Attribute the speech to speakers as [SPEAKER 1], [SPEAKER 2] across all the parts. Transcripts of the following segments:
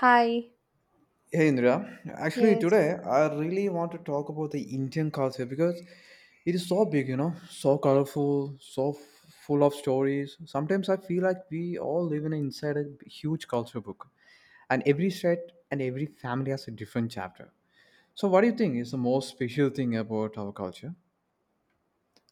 [SPEAKER 1] Hi.
[SPEAKER 2] Hey Indra, actually
[SPEAKER 1] Yes.
[SPEAKER 2] today I really want to talk about the Indian culture because it is so big, you know, so colorful, full of stories. Sometimes I feel like we all live in inside a huge culture book, and every state and every family has a different chapter. So, what do you think is the most special thing about our culture?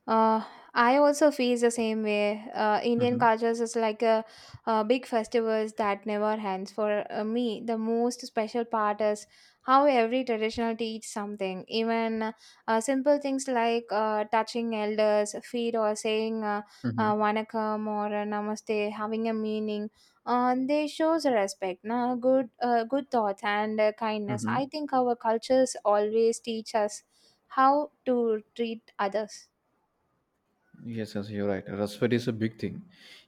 [SPEAKER 1] Uh, I also feel the same way. Indian
[SPEAKER 2] Mm-hmm.
[SPEAKER 1] cultures is like a, big festivals that never ends. For me, the most special part is how every traditional teach something. Even simple things like touching elders' feet or saying
[SPEAKER 2] Mm-hmm.
[SPEAKER 1] "vanakkam" or "namaste," having a meaning. They shows respect, na good, good thoughts and kindness.
[SPEAKER 2] Mm-hmm.
[SPEAKER 1] I think our cultures always teach us how to treat others.
[SPEAKER 2] Yes, yes, you're right. Respect is a big thing.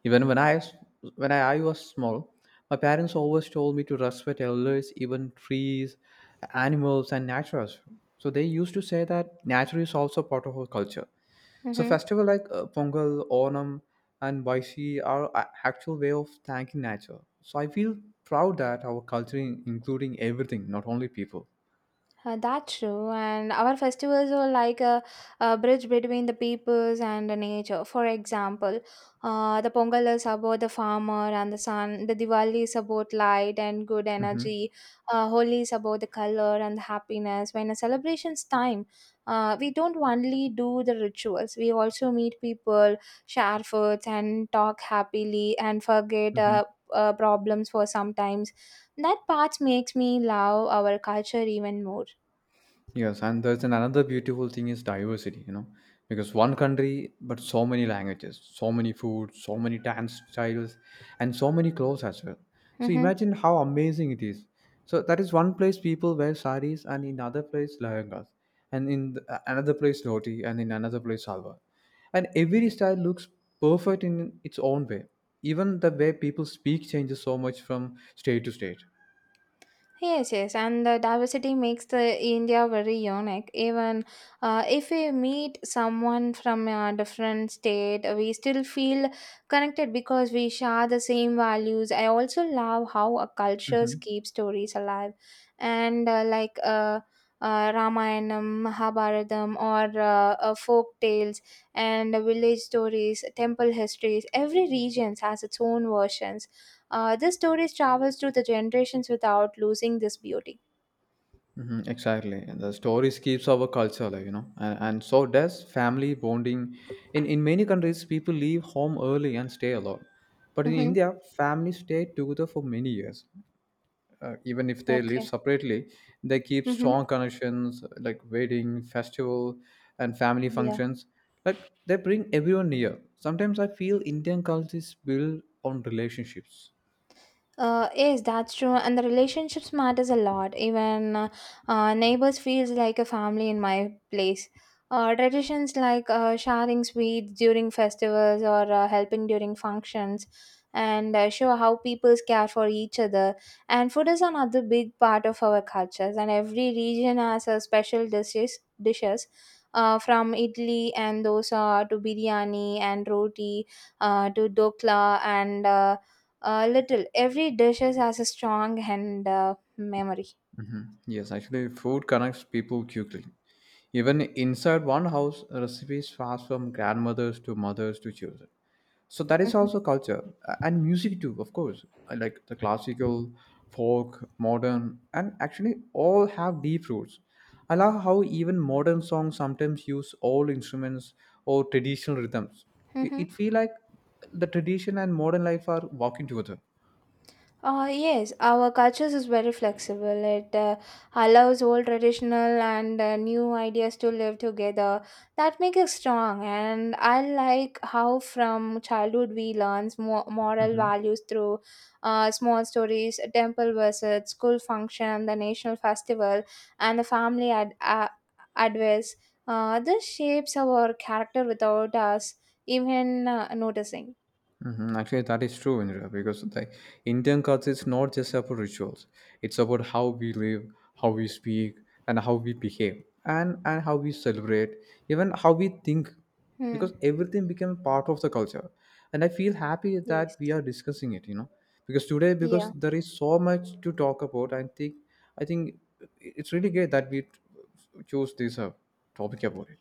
[SPEAKER 2] Even when I s- When I was small, my parents always told me to respect elders, even trees, animals, and nature as well. So they used to say that nature is also part of our culture. So
[SPEAKER 1] Mm-hmm.
[SPEAKER 2] festival like Pongal, Onam, and Baisi are actual way of thanking nature. So I feel proud that our culture, including everything, not only people.
[SPEAKER 1] That's true, and our festivals are like a bridge between the peoples and the nature. For example, the Pongal is about the farmer and the sun, the Diwali is about light and good
[SPEAKER 2] Mm-hmm.
[SPEAKER 1] energy, Holi is about the color and the happiness. When a celebration's time, we don't only do the rituals, we also meet people, share foods, and talk happily and forget
[SPEAKER 2] Mm-hmm.
[SPEAKER 1] problems for sometimes. That part makes me love our culture even more.
[SPEAKER 2] Yes, and there's an another beautiful thing is diversity, you know, because one country but so many languages, so many foods, so many dance styles, and so many clothes as well. So
[SPEAKER 1] Mm-hmm.
[SPEAKER 2] imagine how amazing it is. So that is one place people wear saris, and in another place lehengas, and another place dhoti, and in another place salwar. And every style looks perfect in its own way. Even the way people speak changes so much from state to state.
[SPEAKER 1] Yes, yes, and the diversity makes the India very unique. Even if we meet someone from a different state, we still feel connected because we share the same values. I also love how a cultures
[SPEAKER 2] Mhm.
[SPEAKER 1] keep stories alive, and Ramayanam, Mahabharatam, or folk tales and village stories, temple histories. Every region has its own versions. This story travels through the generations without losing this beauty.
[SPEAKER 2] Mhm, exactly. And the stories keeps our culture alive, you know, and so does family bonding. In many countries, people leave home early and stay alone. But in
[SPEAKER 1] Mm-hmm.
[SPEAKER 2] India, families stay together for many years. Even if they live
[SPEAKER 1] Okay.
[SPEAKER 2] separately, they keep
[SPEAKER 1] Mm-hmm.
[SPEAKER 2] strong connections like wedding, festival, and family
[SPEAKER 1] Yeah.
[SPEAKER 2] functions. Like they bring everyone near. Sometimes I feel Indian culture is built on relationships.
[SPEAKER 1] Yes, that's true, and the relationships matters a lot. Even neighbors feels like a family in my place. Traditions like sharing sweets during festivals or helping during functions, and show how people care for each other. And food is another big part of our cultures, and every region has a special dishes. From Italy and dosa to biryani and roti to dokla and a little. Every dish has a strong and memory.
[SPEAKER 2] Yes, actually, food connects people quickly. Even inside one house, recipes pass from grandmothers to mothers to children. So that is
[SPEAKER 1] Mhm.
[SPEAKER 2] also culture and music too, of course. I like the classical, folk, modern, and actually all have deep roots. I love how even modern songs sometimes use old instruments or traditional rhythms. It,
[SPEAKER 1] Mhm.
[SPEAKER 2] it feel like the tradition and modern life are walking together.
[SPEAKER 1] Yes, our cultures is very flexible. It allows old traditional and new ideas to live together. That makes it strong. And I like how from childhood we learn moral
[SPEAKER 2] Mm-hmm.
[SPEAKER 1] values through small stories, temple visits, school function, the national festival, and the family advice. This shapes our character without us even noticing.
[SPEAKER 2] Mhm. Actually, that is true, Indra, because the Indian culture is not just about rituals. It's about how we live, how we speak, and how we behave, and how we celebrate, even how we think,
[SPEAKER 1] Hmm.
[SPEAKER 2] because everything became part of the culture. And I feel happy that
[SPEAKER 1] Yes.
[SPEAKER 2] we are discussing it, you know, because today, because
[SPEAKER 1] Yeah.
[SPEAKER 2] there is so much to talk about, I think it's really great that we choose this topic about it.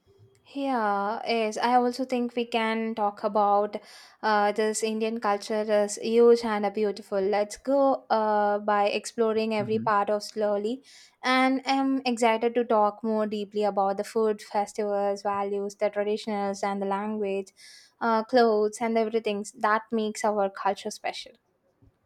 [SPEAKER 1] Yeah, yes. I also think we can talk about this Indian culture is huge and beautiful. Let's go by exploring every
[SPEAKER 2] Mhm.
[SPEAKER 1] part of slowly. And I'm excited to talk more deeply about the food, festivals, values, the traditionals, and the language, clothes, and everything that makes our culture special.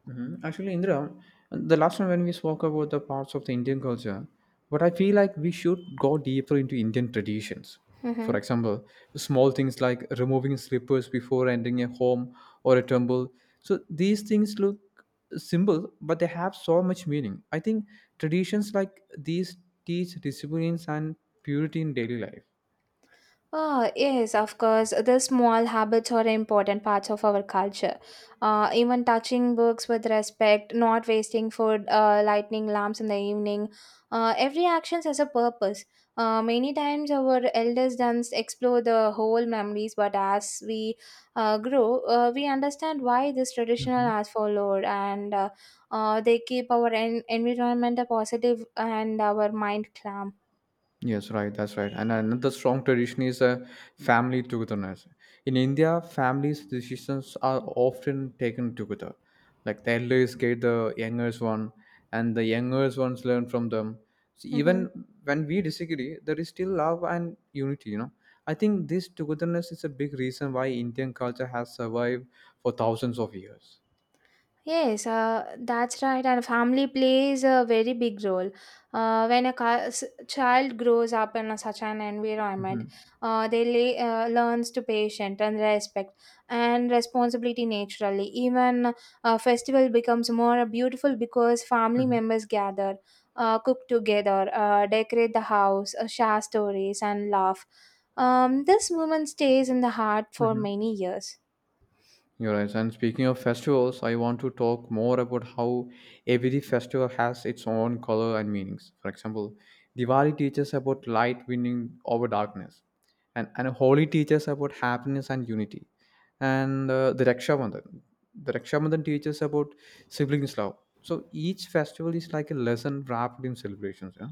[SPEAKER 2] Mhm. Actually, Indra, the last time when we spoke about the parts of the Indian culture, but I feel like we should go deeper into Indian traditions. For
[SPEAKER 1] Mm-hmm.
[SPEAKER 2] example, small things like removing slippers before entering a home or a temple. So these things look simple, but they have so much meaning. I think traditions like these teach disciplines and purity in daily life.
[SPEAKER 1] Ah, yes, of course. The small habits are important parts of our culture. Even touching books with respect, not wasting food, lighting lamps in the evening. Every action has a purpose. Many times our elders dance explore the whole memories, but as we grow, we understand why this traditional
[SPEAKER 2] Mhm.
[SPEAKER 1] has followed, and they keep our environment positive and our mind calm.
[SPEAKER 2] Yes, right. That's right. And another strong tradition is a family togetherness. In India, families' decisions are often taken together. Like the elders guide the youngest one, and the youngest ones learn from them. So
[SPEAKER 1] Mm-hmm.
[SPEAKER 2] even when we disagree, there is still love and unity. You know, I think this togetherness is a big reason why Indian culture has survived for thousands of years.
[SPEAKER 1] Yes, that's right. And family plays a very big role. When a child grows up in a, such an
[SPEAKER 2] Mm-hmm.
[SPEAKER 1] environment, they learns to patience and respect and responsibility naturally. Even a festival becomes more beautiful because family
[SPEAKER 2] Mm-hmm.
[SPEAKER 1] members gather, cook together, decorate the house, share stories, and laugh. This moment stays in the heart for
[SPEAKER 2] Mm-hmm.
[SPEAKER 1] many years.
[SPEAKER 2] You're right. And speaking of festivals, I want to talk more about how every festival has its own color and meanings. For example, Diwali teaches about light winning over darkness, and Holi teaches about happiness and unity. And the Raksha Bandhan teaches about siblings love. So each festival is like a lesson wrapped in celebrations. Yeah.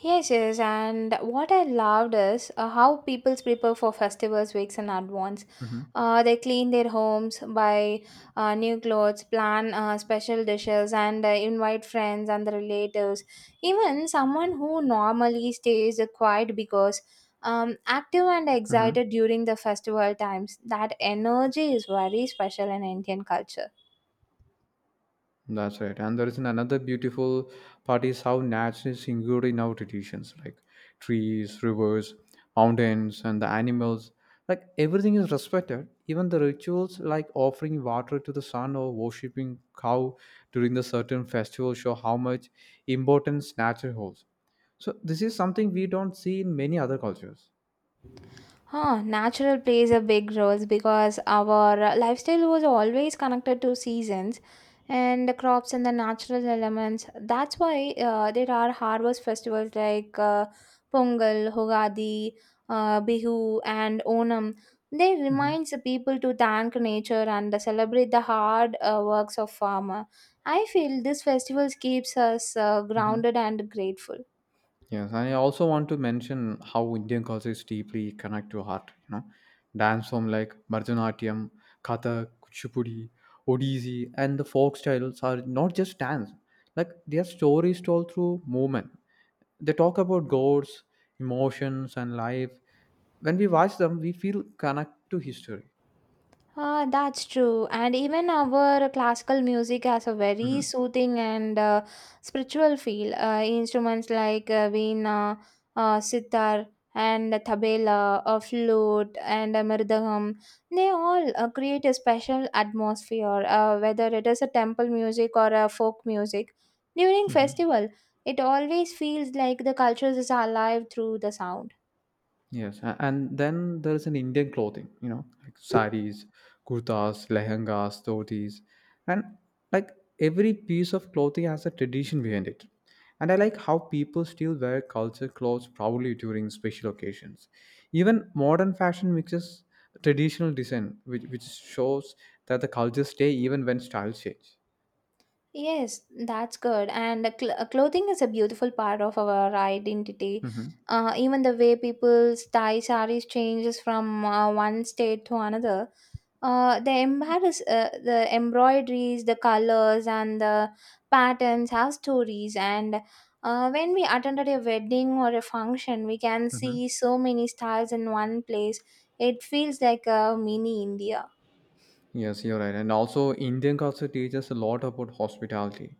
[SPEAKER 1] Yes, yes, and what I loved is how people prepare for festivals weeks in advance.
[SPEAKER 2] Mm-hmm.
[SPEAKER 1] They clean their homes, buy new clothes, plan special dishes, and invite friends and the relatives. Even someone who normally stays quiet because active and
[SPEAKER 2] Mm-hmm.
[SPEAKER 1] excited during the festival times. That energy is very special in Indian culture.
[SPEAKER 2] That's right. And there is an another beautiful part is how nature is included in our traditions, like trees, rivers, mountains, and the animals. Like everything is respected. Even the rituals like offering water to the sun or worshipping cow during the certain festival show how much importance nature holds. So this is something we don't see in many other cultures.
[SPEAKER 1] Huh, natural plays a big role because our lifestyle was always connected to seasons and the crops and the natural elements. That's why there are harvest festivals like Pongal, Hogadi, Bihu, and Onam. They
[SPEAKER 2] Hmm.
[SPEAKER 1] reminds the people to thank nature and celebrate the hard works of farmer. I feel these festivals keeps us
[SPEAKER 2] Hmm.
[SPEAKER 1] grounded and grateful.
[SPEAKER 2] Yes, I also want to mention how Indian culture is deeply connected to art. You know, dance form like Bharatanatyam, Kathak, Kuchipudi, Odissi, and the folk styles are not just dance. Like they are stories told through movement. They talk about gods, emotions, and life. When we watch them, we feel connect to history.
[SPEAKER 1] Ah, that's true. And even our classical music has a very
[SPEAKER 2] Mhm.
[SPEAKER 1] soothing and spiritual feel. Instruments like veena, sitar, and the tabla, a flute, and a mridangam, they all create a special atmosphere, whether it is a temple music or a folk music. During
[SPEAKER 2] Mhm.
[SPEAKER 1] festival, it always feels like the culture is alive through the sound.
[SPEAKER 2] Yes, and then there's an Indian clothing, you know, like saris, kurtas, lehengas, dhotis, and like every piece of clothing has a tradition behind it. And I like how people still wear culture clothes proudly during special occasions. Even modern fashion mixes traditional design, which shows that the cultures stay even when styles change.
[SPEAKER 1] Yes, that's good. And clothing is a beautiful part of our identity.
[SPEAKER 2] Hmm.
[SPEAKER 1] Even the way people tie saris changes from one state to another. The embroideries, the colors, and the patterns have stories. And when we attended a wedding or a function, we can
[SPEAKER 2] Hmm.
[SPEAKER 1] see so many styles in one place. It feels like a mini India.
[SPEAKER 2] Yes, you're right. And also, Indian culture teaches a lot about hospitality.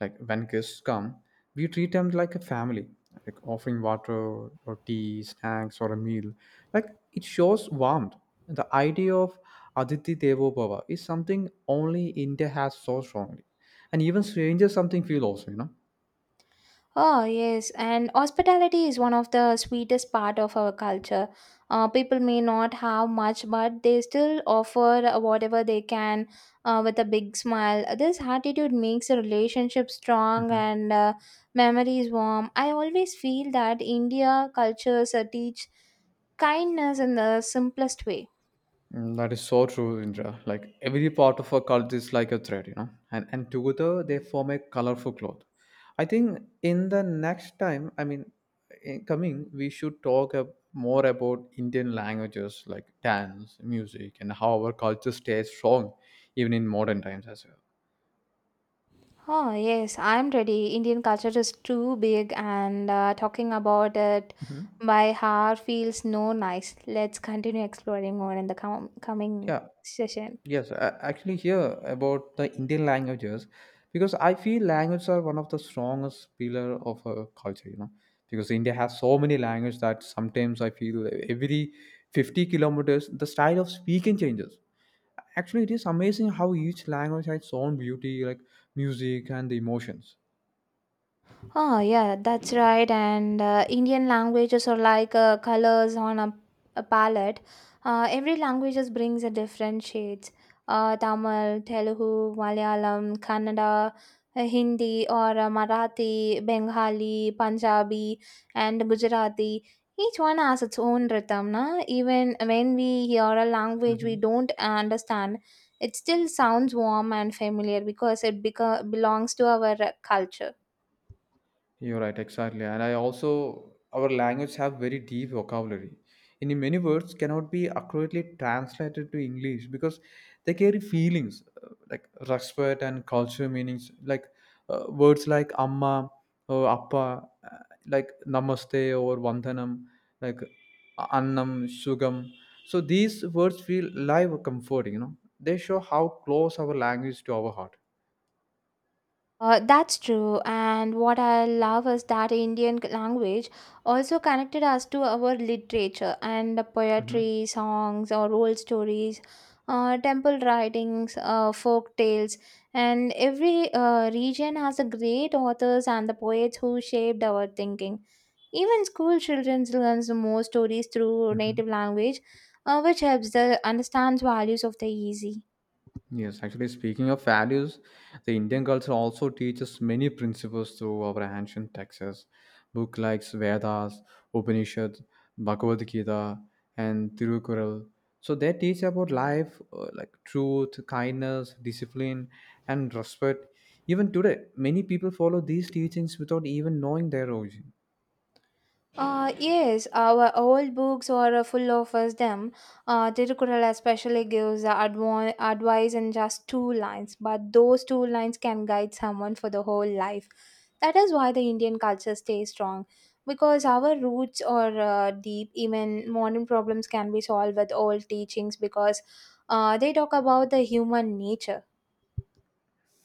[SPEAKER 2] Like when guests come, we treat them like a family, like offering water or tea, snacks, or a meal. Like it shows warmth. And the idea of Aditi Devo Bhava is something only India has so strongly. And even strangers something feel also, you know.
[SPEAKER 1] Oh, yes, and hospitality is one of the sweetest part of our culture. People may not have much, but they still offer whatever they can with a big smile. This attitude makes a relationship strong and memories warm. I always feel that India cultures teach kindness in the simplest way.
[SPEAKER 2] Mm, that is so true, Indra. Like every part of our cult is like a thread, you know, and together they form a colorful cloth. I think in the next time, I mean, in coming, we should talk more about Indian languages like dance, music, and how our culture stays strong even in modern times as well.
[SPEAKER 1] Oh, yes, I'm ready. Indian culture is too big, and talking about it by heart feels no nice. Let's continue exploring more in the coming
[SPEAKER 2] Yeah.
[SPEAKER 1] session.
[SPEAKER 2] Yes, I actually hear about the Indian languages because I feel languages are one of the strongest pillar of a culture, you know, because India has so many languages that sometimes I feel every 50 kilometers the style of speaking changes. Actually, it is amazing how each language has its own beauty, like music and the emotions.
[SPEAKER 1] Oh, yeah, that's right. And Indian languages are like colors on a palette. Every language just brings a different shades. Tamil, Telugu, Malayalam, Kannada, Hindi, or Marathi, Bengali, Punjabi, and Gujarati. Each one has its own rhythm. Na? Even when we hear a language we
[SPEAKER 2] Mhm.
[SPEAKER 1] don't understand, it still sounds warm and familiar because it belongs to our culture.
[SPEAKER 2] You're right, exactly. And I also, our language have very deep vocabulary. In many words cannot be accurately translated to English because they carry feelings like respect and culture meanings, like words like amma or appa, like namaste or vandanam, like annam, sugam. So these words feel live comforting, you know. They show how close our language to our heart.
[SPEAKER 1] That's true. And what I love is that Indian language also connected us to our literature and the
[SPEAKER 2] Hmm.
[SPEAKER 1] poetry, songs, or old stories, temple writings, folk tales. And every region has a great authors and the poets who shaped our thinking. Even school children learns more stories through
[SPEAKER 2] Hmm.
[SPEAKER 1] native language, which helps the understand values of the easy.
[SPEAKER 2] Yes, actually, speaking of values, the Indian culture also teaches many principles through our ancient texts. Book like Vedas, Upanishads, Bhagavad Gita, and Tirukural. So they teach about life, like truth, kindness, discipline, and respect. Even today, many people follow these teachings without even knowing their origin.
[SPEAKER 1] Yes, our old books are full of us them. Tirukural especially gives adv- advice in just two lines, but those two lines can guide someone for the whole life. That is why the Indian culture stays strong, because our roots are deep. Even modern problems can be solved with old teachings because they talk about the human nature.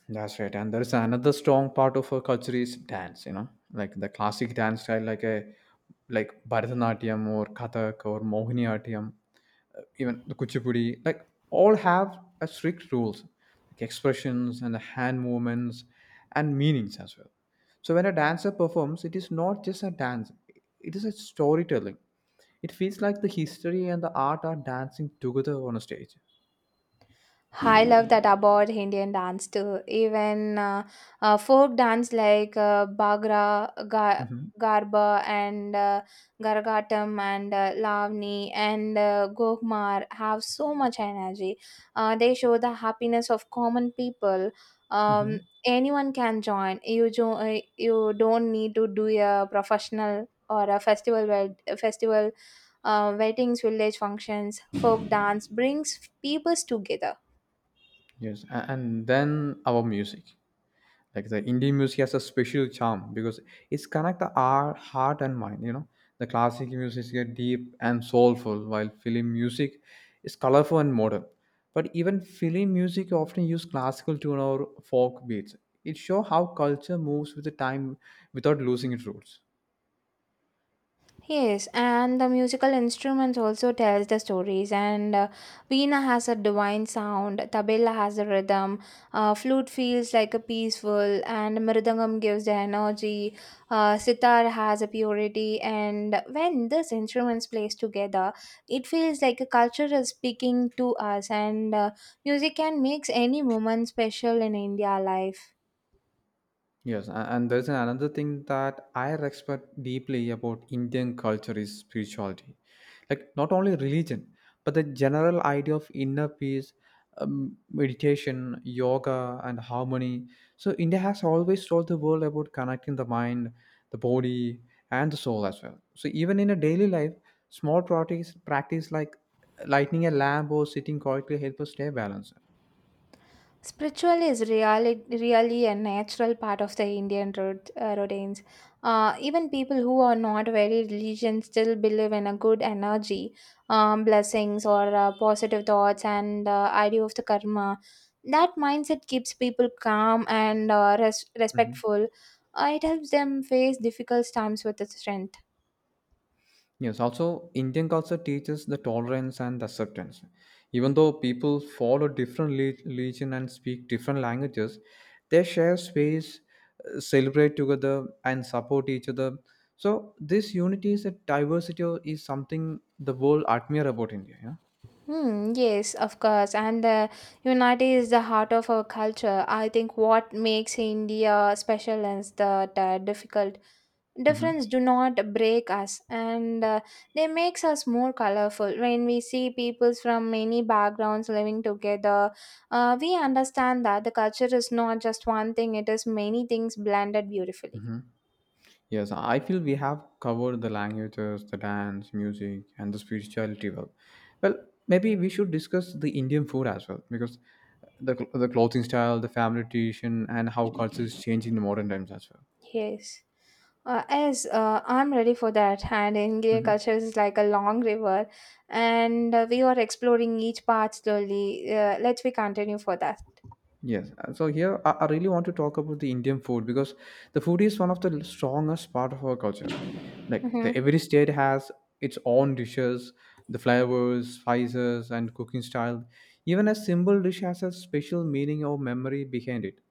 [SPEAKER 2] That's right. And there's another strong part of our culture is dance, you know, like the classic dance style, like Bharatanatyam or Kathak or Mohiniyattam, even the Kuchipudi, like all have a strict rules, like expressions and the hand movements and meanings as well. So when a dancer performs, it is not just a dance; it is a storytelling. It feels like the history and the art are dancing together on a stage.
[SPEAKER 1] I love that about Indian dance too. Even folk dance like Bhagra,
[SPEAKER 2] Hmm.
[SPEAKER 1] Garba, and Garagatam, and Lavani, and Gokmar have so much energy. They show the happiness of common people. Um,
[SPEAKER 2] Hmm.
[SPEAKER 1] anyone can join. You don't need to do a professional or a festival festival weddings, village functions. Folk dance brings peoples together.
[SPEAKER 2] Yes, and then our music. Like the Indian music has a special charm because it's connect the our heart and mind, you know. The classic music is get deep and soulful, while film music is colorful and modern, but even film music often use classical tune or folk beats. It shows how culture moves with the time without losing its roots.
[SPEAKER 1] Yes, and the musical instruments also tells the stories. And veena has a divine sound, tabla has a rhythm, flute feels like a peaceful, and mridangam gives the energy. Sitar has a purity, and when these instruments plays together, it feels like a culture is speaking to us. And music can makes any moment special in India life.
[SPEAKER 2] Yes, and there's another thing that I respect deeply about Indian culture is spirituality. Like, not only religion, but the general idea of inner peace, meditation, yoga, and harmony. So, India has always told the world about connecting the mind, the body, and the soul as well. So, even in a daily life, practice like lighting a lamp or sitting quietly help us stay balanced.
[SPEAKER 1] Spiritual is really, really a natural part of the Indian routines. Even people who are not very religious still believe in a good energy, blessings, or positive thoughts and idea of the karma. That mindset keeps people calm and respectful. It helps them face difficult times with strength.
[SPEAKER 2] Yes, also Indian culture teaches the tolerance and acceptance. Even though people follow different religion and speak different languages, they share space, celebrate together, and support each other. So this unity is a diversity is something the world admire about India. Yeah.
[SPEAKER 1] Hmm, yes, of course. And unity is the heart of our culture. I think what makes India special is that difficult difference do not break us and they makes us more colorful. When we see peoples from many backgrounds living together we understand that the culture is not just one thing; it is many things blended beautifully.
[SPEAKER 2] Hmm. Yes, I feel we have covered the languages, the dance, music, and the spirituality well. Well, maybe we should discuss the Indian food as well because the clothing style, the family tradition, and how cultures change in the modern times as well.
[SPEAKER 1] Yes. As I'm ready for that, and Indian
[SPEAKER 2] Mhm.
[SPEAKER 1] culture is like a long river, and we are exploring each part slowly. Let us we continue for that.
[SPEAKER 2] Yes. So here I really want to talk about the Indian food because the food is one of the strongest part of our culture. Like the
[SPEAKER 1] Mhm.
[SPEAKER 2] every state has its own dishes, the flavors, spices, and cooking style. Even a simple dish has a special meaning or memory behind it.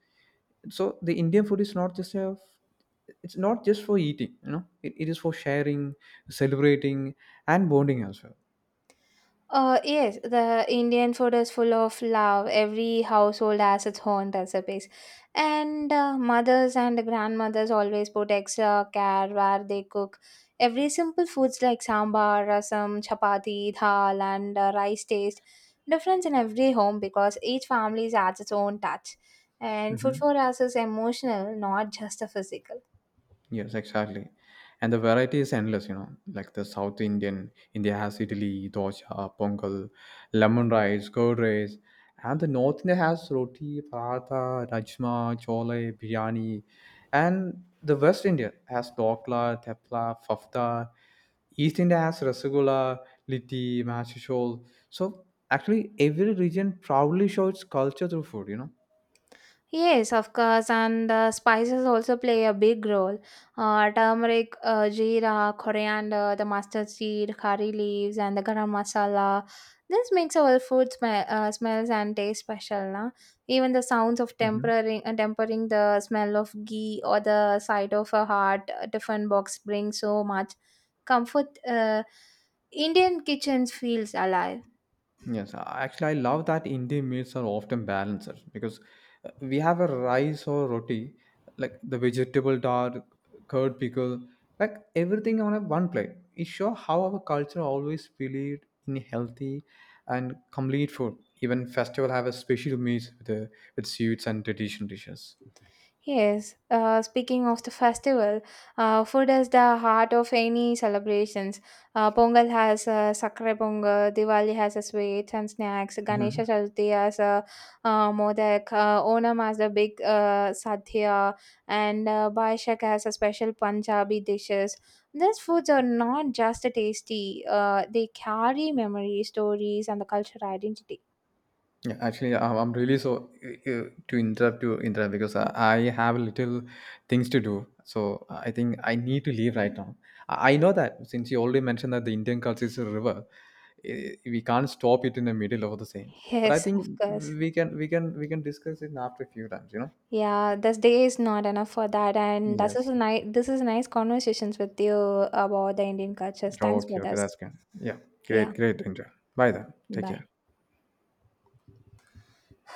[SPEAKER 2] So the Indian food is not just a it's not just for eating, you know, it is for sharing, celebrating, and bonding as well.
[SPEAKER 1] Yes, the Indian food is full of love. Every household has its own recipes. And mothers and grandmothers always put extra care where they cook. Every simple foods like sambar, rasam, chapati, dal, and rice taste different in every home because each family adds its own touch. And food
[SPEAKER 2] Mhm.
[SPEAKER 1] for us is emotional, not just a physical.
[SPEAKER 2] Yes, exactly. And the variety is endless, you know, like the South Indian, India has idli, dosa, pongal, lemon rice, curd rice. And the North India has roti, paratha, rajma, chole, biryani. And the West India has dokla, tepla, fafda. East India has rasgulla, litti, mashashol. So actually, every region proudly shows its culture through food, you know.
[SPEAKER 1] Yes, of course, and spices also play a big role. Turmeric, jeera, coriander, the mustard seed, curry leaves, and the garam masala. This makes our food smell, smells and taste special. Na? Even the sounds of
[SPEAKER 2] Mm-hmm.
[SPEAKER 1] tempering, the smell of ghee or the sight of a hot tiffin box bring so much comfort. Indian kitchens feels alive.
[SPEAKER 2] Yes, actually, I love that Indian meals are often balanced because we have a rice or roti, like the vegetable dal, curd pickle, like everything on a one plate. It shows how our culture always believed in healthy and complete food. Even festival have a special meals with sweets and traditional dishes.
[SPEAKER 1] Yes, speaking of the festival, food is the heart of any celebrations. Pongal has Sakre Pongal, Diwali has a sweets and snacks, Ganesha
[SPEAKER 2] Mm-hmm.
[SPEAKER 1] Chaturthi has a modak, Onam has the big sadhya, and Baishak has a special Punjabi dishes. These foods are not just tasty, they carry memories, stories, and the cultural identity.
[SPEAKER 2] Yeah, actually, I'm really so uh, uh, to interrupt you interrupt because I have little things to do. So I think I need to leave right now. I know that since you already mentioned that the Indian culture is a river, eh, we can't stop it in the middle of the same. But I
[SPEAKER 1] Yes, of
[SPEAKER 2] think
[SPEAKER 1] course.
[SPEAKER 2] we can discuss it after a few times. You know.
[SPEAKER 1] Yeah, this day is not enough for that, and this is
[SPEAKER 2] Yes.
[SPEAKER 1] a nice this is nice conversations with you about the Indian cultures. Thanks
[SPEAKER 2] Okay.
[SPEAKER 1] for
[SPEAKER 2] Okay.
[SPEAKER 1] this.
[SPEAKER 2] That's good. Yeah.
[SPEAKER 1] Yeah,
[SPEAKER 2] Great. Great. Enjoy. Bye then. Take
[SPEAKER 1] bye.
[SPEAKER 2] care.